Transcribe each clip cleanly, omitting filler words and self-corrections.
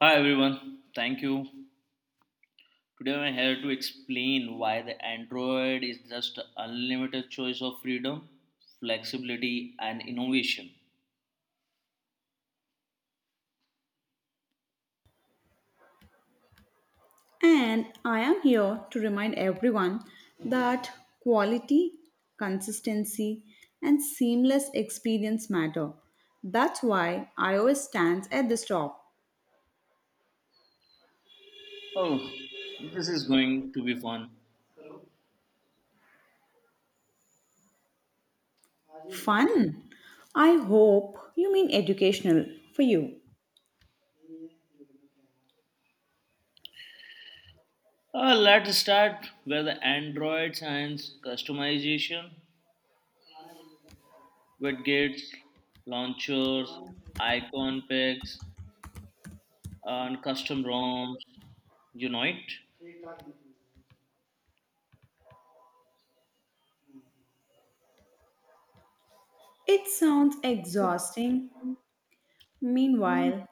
Hi everyone, thank you. Today I'm here to explain why the Android is just an unlimited choice of freedom, flexibility, and innovation. And I am here to remind everyone that quality, consistency, and seamless experience matter. That's why iOS stands at the top. Oh, this is going to be fun. Fun! I hope you mean educational for you. Let's start with the Android science customization, widgets, launchers, icon packs, and custom ROMs. You know it? It sounds exhausting. Meanwhile,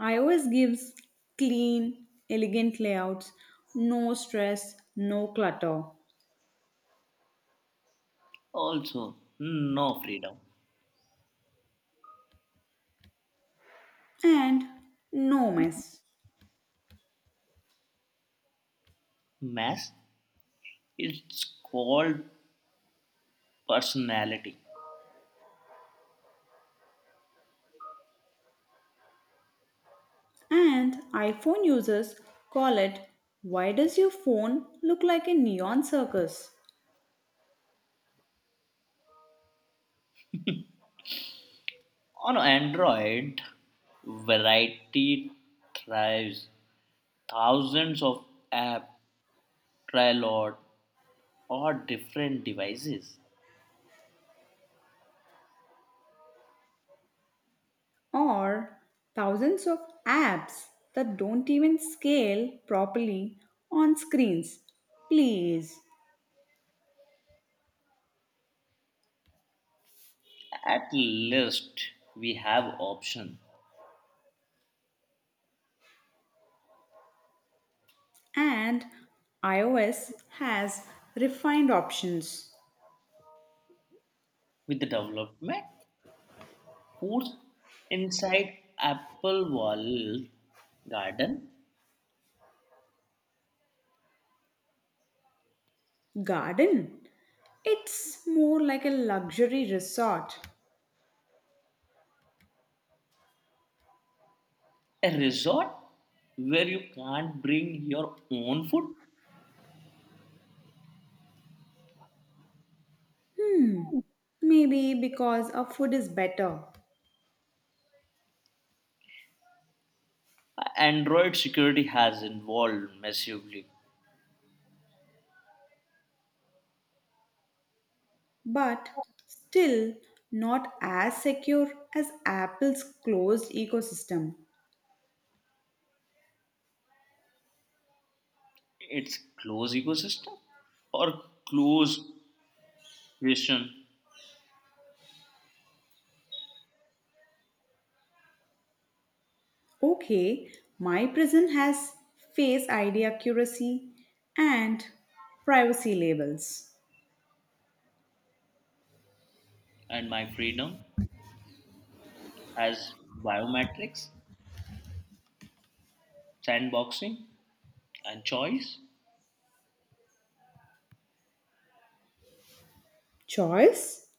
iOS gives clean, elegant layouts, no stress, no clutter, Also, no freedom. and no mess. Mass. It's called personality. And iPhone users call it Why Does Your Phone Look Like a Neon Circus? On Android, variety thrives. Thousands of apps try lot or different devices. Or thousands of apps that don't even scale properly on screens. Please. At least we have option. And iOS has refined options. With the development force inside Apple Wall Garden, Garden. It's more like a luxury resort. a resort where you can't bring your own food. Maybe because our food is better. Android security has evolved massively. But still not as secure as Apple's closed ecosystem. It's close ecosystem or close question Okay, my prison has face ID accuracy and privacy labels. and my freedom as biometrics, sandboxing, and choice. Choice?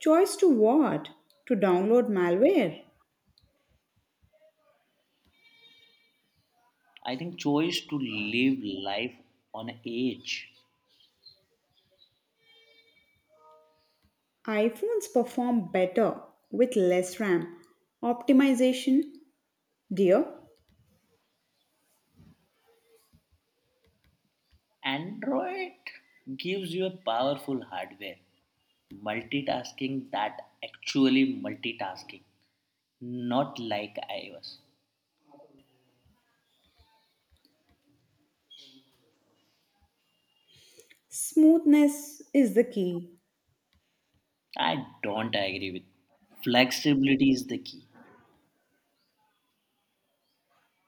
Choice to what? To download malware. I think choice to live life on edge. iPhones perform better with less RAM. Optimization, dear. Android gives you a powerful hardware, multitasking that actually multitasking, not like iOS. Smoothness is the key. I don't agree with. Flexibility is the key,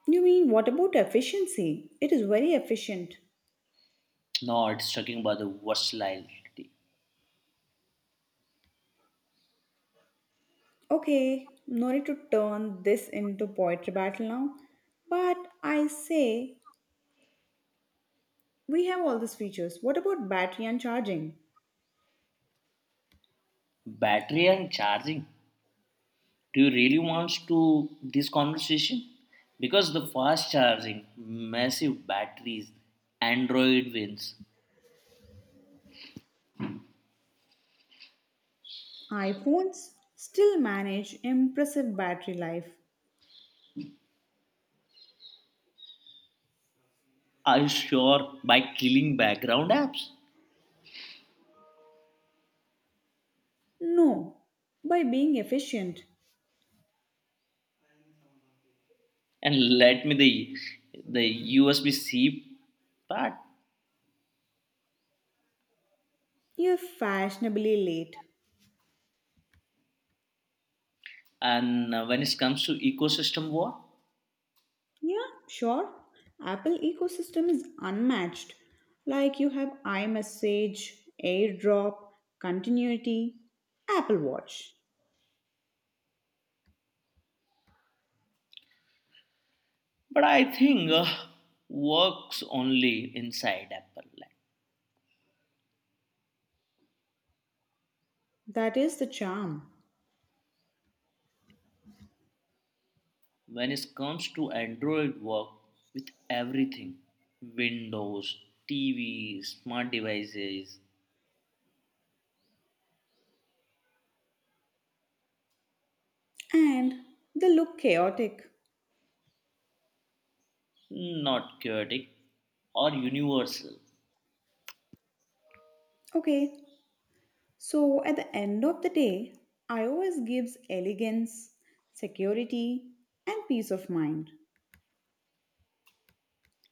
You mean what about efficiency? It is very efficient. not sucking by the versatility. Okay, no need to turn this into poetry battle now. But I say we have all these features. What about battery and charging? Battery and charging. Do you really want to this conversation? Because the fast charging, massive batteries, Android wins. iPhones still manage impressive battery life. Are you sure by killing background apps? No, by being efficient. And let me the USB C part. You're fashionably late. And when it comes to ecosystem war, Yeah, sure. Apple ecosystem is unmatched. Like you have iMessage, AirDrop, Continuity, Apple Watch. but I think works only inside Apple land. That is the charm. When it comes to Android, work with everything, Windows, TV, smart devices, And they look chaotic. not chaotic or universal. Okay, so at the end of the day, iOS gives elegance, security, and peace of mind.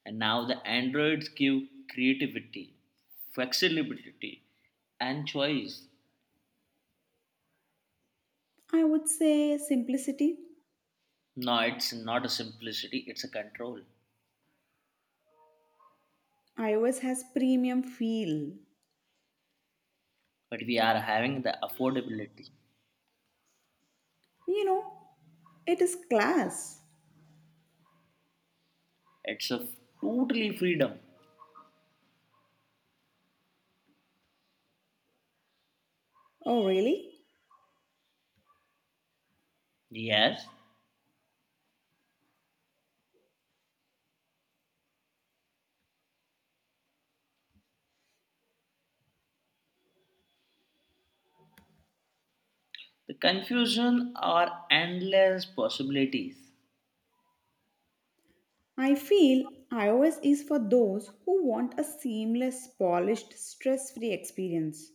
And now the Androids give creativity, flexibility, and choice. I would say simplicity. No, it's not a simplicity, it's a control. iOS has premium feel. But we are having the affordability. You know, it is class. It's a totally freedom. Oh, really? Yes, the confusion are endless possibilities, I feel iOS is for those who want a seamless, polished, stress free experience.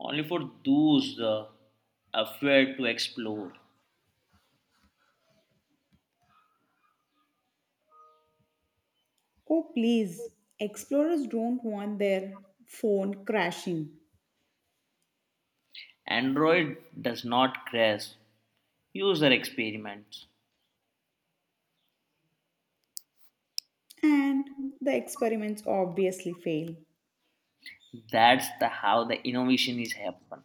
only for those afraid to explore. Oh, please, explorers don't want their phone crashing. Android does not crash. User experiments. And the experiments obviously fail. That's the how the innovation is happen.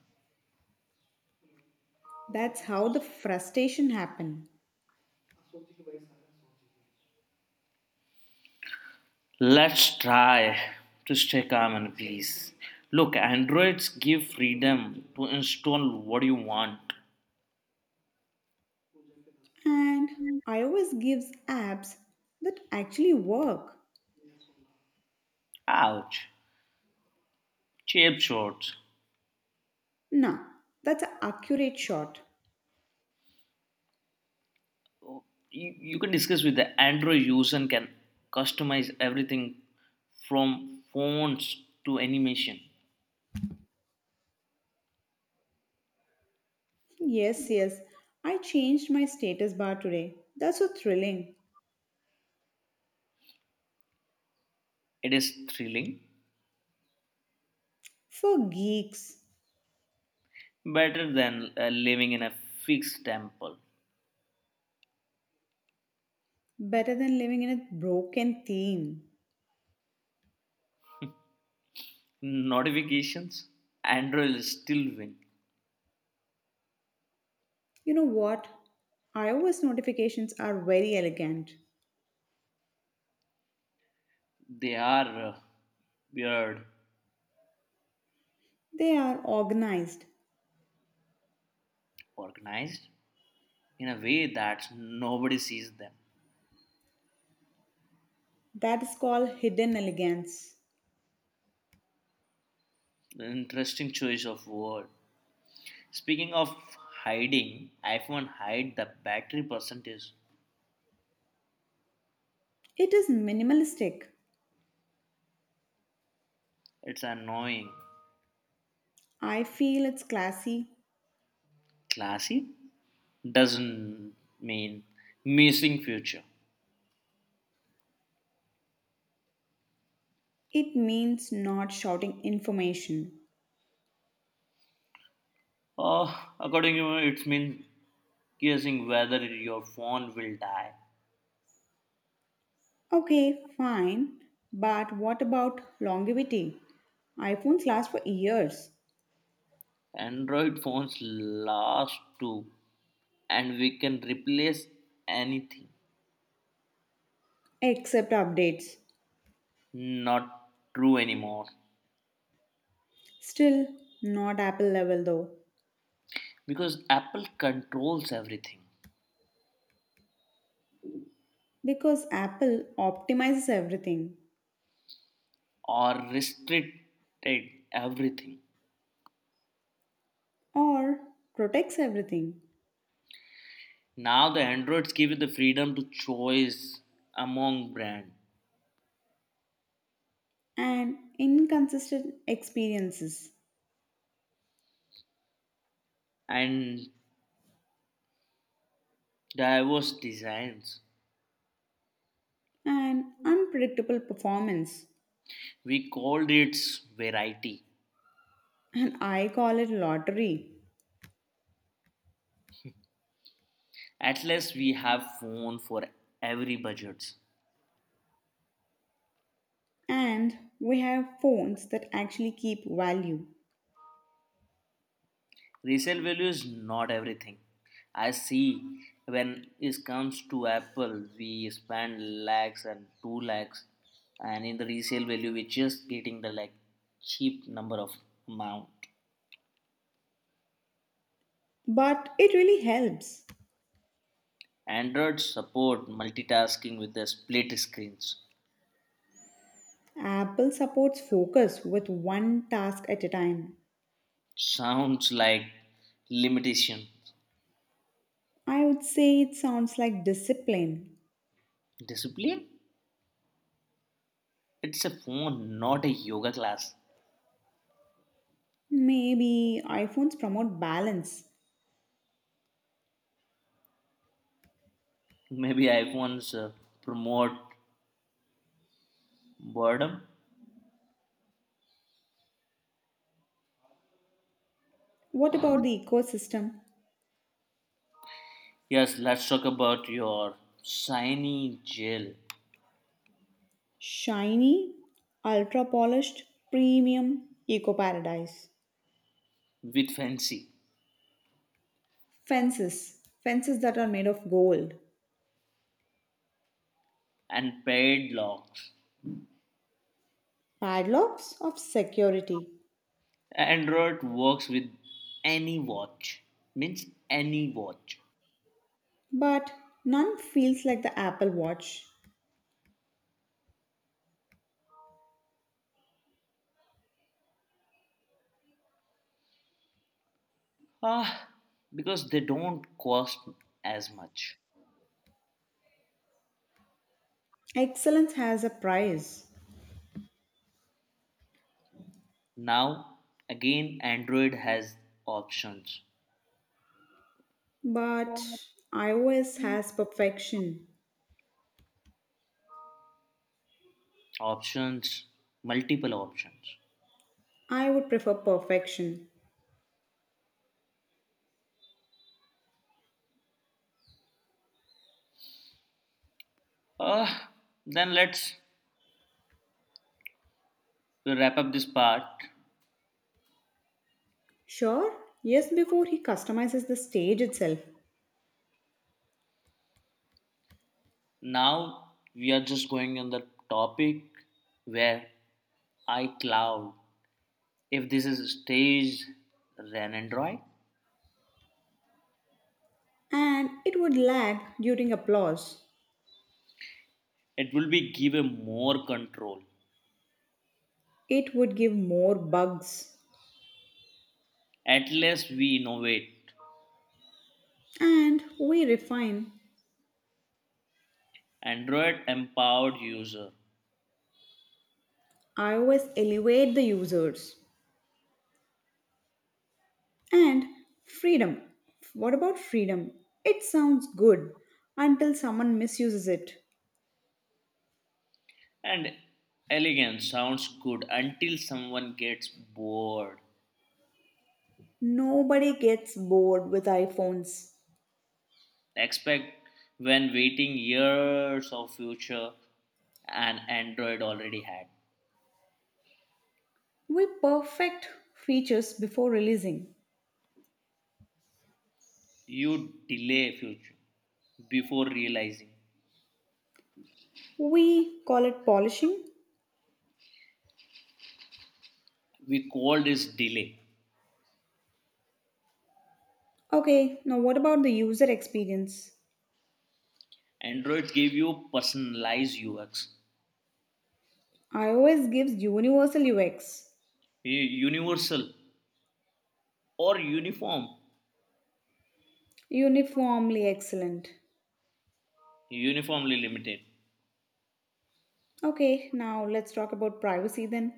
That's how the frustration happen. Let's try to stay calm and please. Look, Androids give freedom to install what you want. And iOS gives apps that actually work. Ouch. Cheap shorts. Nah, that's an accurate shot. You, you can discuss with the Android user and can customize everything from fonts to animation. Yes, yes, I changed my status bar today. That's so thrilling. It is thrilling, For geeks, better than living in a fixed temple. better than living in a broken theme. Notifications, Android is still win. You know what? iOS notifications are very elegant. They are weird, They are organized. organized in a way that nobody sees them. That is called hidden elegance. An interesting choice of word. Speaking of hiding, iPhone hide the battery percentage. It is minimalistic. It's annoying. I feel it's classy. Classy doesn't mean missing future. It means not shouting information. Oh, according to me, it means guessing whether your phone will die. Okay, fine. But what about longevity? iPhones last for years, Android phones last too, and we can replace anything. except updates. Not true anymore Still, not Apple level though, because Apple controls everything because Apple optimizes everything or restricted everything. or protects everything, Now the Androids give you the freedom to choice among brand and inconsistent experiences, and diverse designs. and unpredictable performance. We called it variety. And I call it lottery. At least we have phone for every budget. And we have phones that actually keep value. Resale value is not everything. I see when it comes to Apple, we spend lakhs and 2 lakhs, and in the resale value we're just getting the like cheap number of amount. But it really helps. Android support multitasking with the split screens, Apple supports focus with one task at a time. sounds like limitation. I would say it sounds like discipline. Discipline, it's a phone, not a yoga class. Maybe iPhones promote balance. Maybe iPhones promote boredom. What about the ecosystem? Yes, let's talk about your shiny gel Shiny, ultra polished, premium, eco paradise. with fancy Fences, fences that are made of gold. and paid locks. Padlocks of security. Android works with any watch, means any watch. But none feels like the Apple Watch. Ah, because they don't cost as much. Excellence has a price, Now, again, Android has options, but iOS has perfection. options, multiple options. I would prefer perfection. Ah, then let's wrap up this part. Sure, yes, before he customizes the stage itself, Now we are just going on the topic where iCloud, if this is staged than Android, and it would lag during applause. it will be given more control. It would give more bugs. At least we innovate. And we refine. Android empowered user iOS elevate the users. And freedom. What about freedom? It sounds good until someone misuses it. and elegant sounds good until someone gets bored. Nobody gets bored with iPhones. Expect when waiting years of future and Android already had. We perfect features before releasing. You delay future before realizing. We call it polishing. We call this delay. Okay, now what about the user experience? Android gave you personalized UX, iOS gives universal UX, universal or uniform, uniformly excellent. uniformly limited. Okay, now let's talk about privacy then.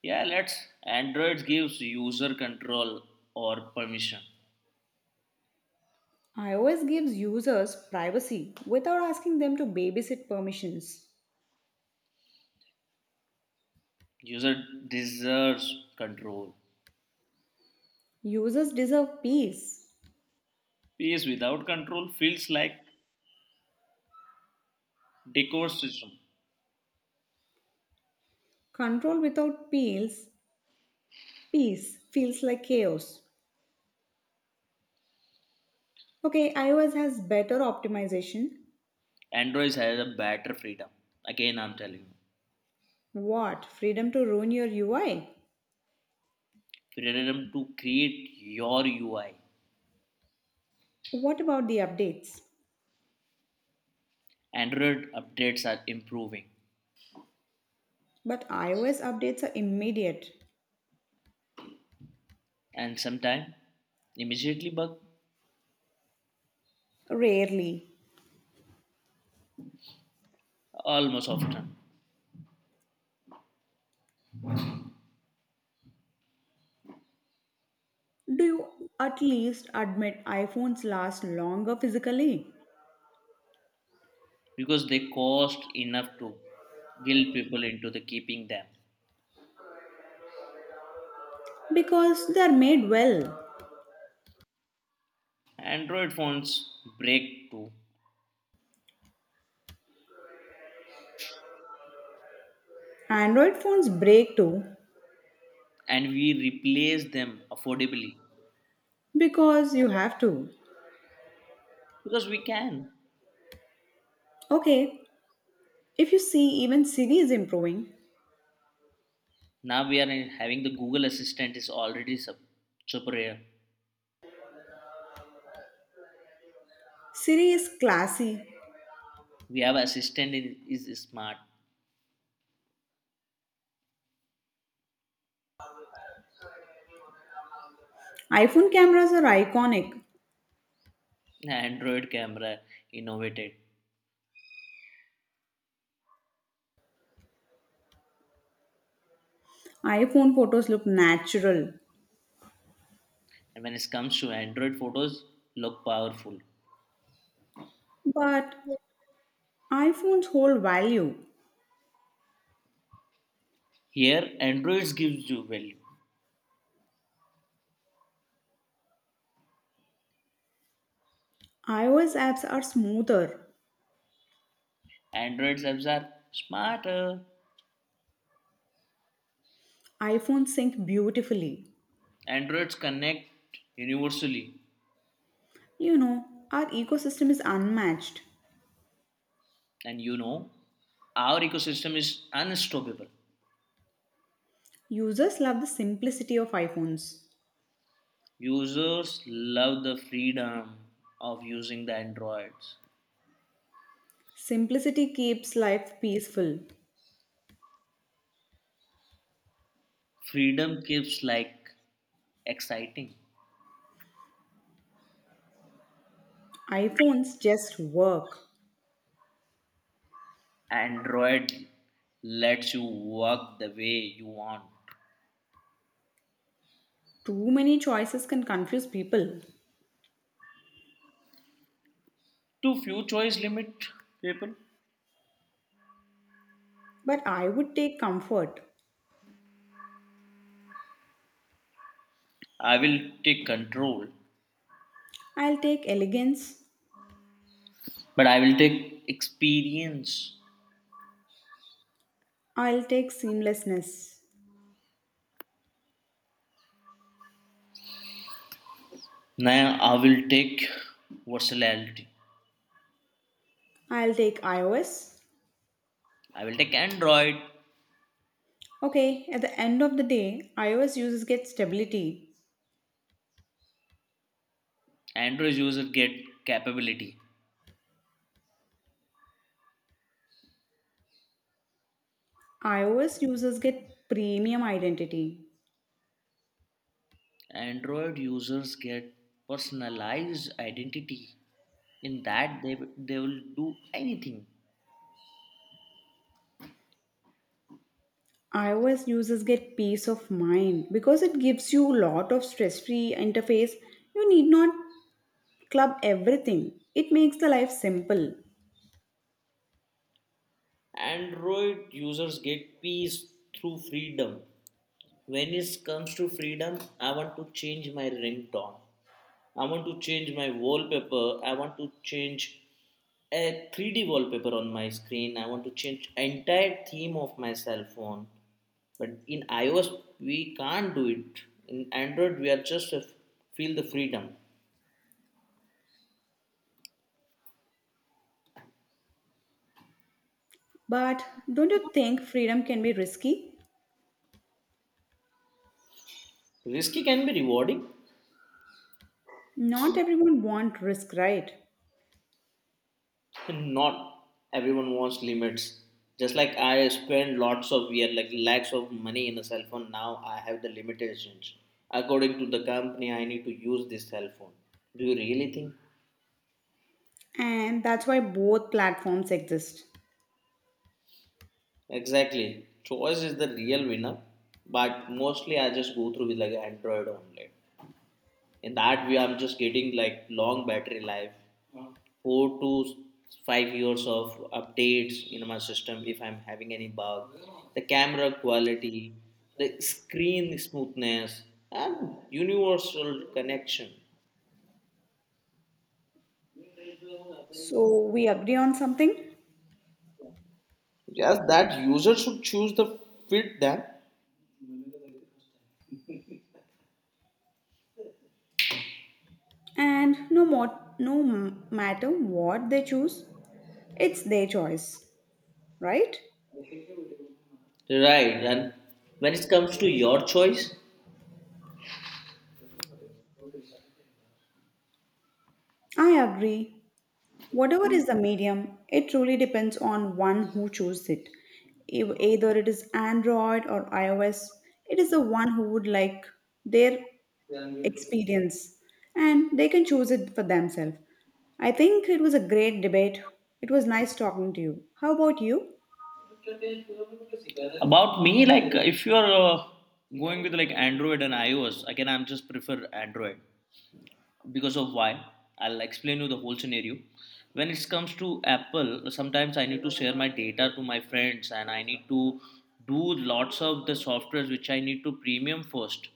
Yeah, let's. Android gives user control or permission. iOS gives users privacy without asking them to babysit permissions. User deserves control. Users deserve peace. PS without control feels like decor system. Control without peace, peace feels like chaos. Okay, iOS has better optimization. Android has a better freedom. Again, I'm telling you, What? Freedom to ruin your UI? freedom to create your UI. What about the updates? Android updates are improving, But iOS updates are immediate. and sometimes immediately bug Rarely. almost often. Do you at least admit iPhones last longer physically? Because they cost enough to guilt people into the keeping them. Because they are made well. Android phones break too, Android phones break too. and we replace them affordably Because you have to. because we can. Okay, if you see, even Siri is improving. Now we are having the Google Assistant is already superior. Siri is classy. We have assistant in, is smart. iPhone cameras are iconic. Android camera innovated, iPhone photos look natural. and when it comes to Android photos, look powerful. But iPhones hold value. Here, Androids gives you value. iOS apps are smoother. Androids apps are smarter. iPhones sync beautifully. Androids connect universally. You know, our ecosystem is unmatched. And you know, our ecosystem is unstoppable. Users love the simplicity of iPhones. Users love the freedom of using the Androids. Simplicity keeps life peaceful. Freedom keeps like exciting. iPhones just work. Android lets you work the way you want. Too many choices can confuse people. Too few choice limit people. But I would take comfort. I will take control, I'll take elegance. but I will take experience. I'll take seamlessness. Now I will take versatility. I'll take iOS. I will take Android. Okay, at the end of the day, iOS users get stability. Android user get capability. iOS users get premium identity. Android users get personalized identity in that they will do anything. iOS users get peace of mind because it gives you a lot of stress free interface. You need not club everything, it makes the life simple. Android users get peace through freedom. When it comes to freedom, I want to change my ringtone. I want to change my wallpaper. I want to change a 3D wallpaper on my screen. I want to change entire theme of my cell phone. But in iOS, we can't do it. In Android, we are just a, feel the freedom. But don't you think freedom can be risky? Risky can be rewarding. Not everyone wants risk, right? Not everyone wants limits. Just like I spend lots of year, like lakhs of money in a cell phone. Now I have the limitations. According to the company, I need to use this cell phone. Do you really think? And that's why both platforms exist. Exactly. Choice is the real winner. But mostly I just go through with like Android only. In that way, I'm just getting like long battery life, four to five years of updates in my system if I'm having any bug, the camera quality, the screen smoothness, and universal connection. So, we agree on something? Yes, that user should choose the fit then. And no more, no matter what they choose, it's their choice, right? Right, and when it comes to your choice, I agree, whatever is the medium, it truly depends on one who chooses it. If either it is android or ios, it is the one who would like their experience and they can choose it for themselves. I think it was a great debate. It was nice talking to you. How about you? about me, like if you're going with like Android and iOS, again I'm just prefer Android because of why. I'll explain you the whole scenario. When it comes to Apple, sometimes I need to share my data to my friends and I need to do lots of the softwares which I need to premium first.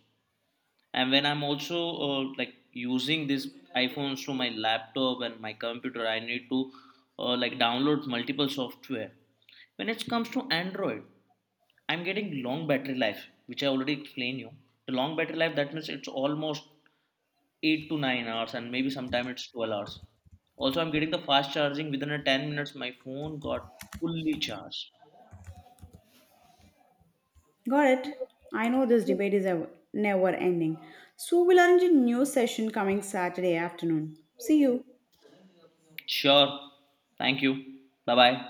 And when I'm also like using these iPhones to my laptop and my computer, I need to like download multiple software. When it comes to Android, I'm getting long battery life which I already explained you. The long battery life that means it's almost 8 to 9 hours and maybe sometime it's 12 hours. Also, I'm getting the fast charging within a 10 minutes. My phone got fully charged. Got it. I know this debate is ever, never ending. So we'll arrange a new session coming Saturday afternoon. See you. Sure. Thank you. Bye bye.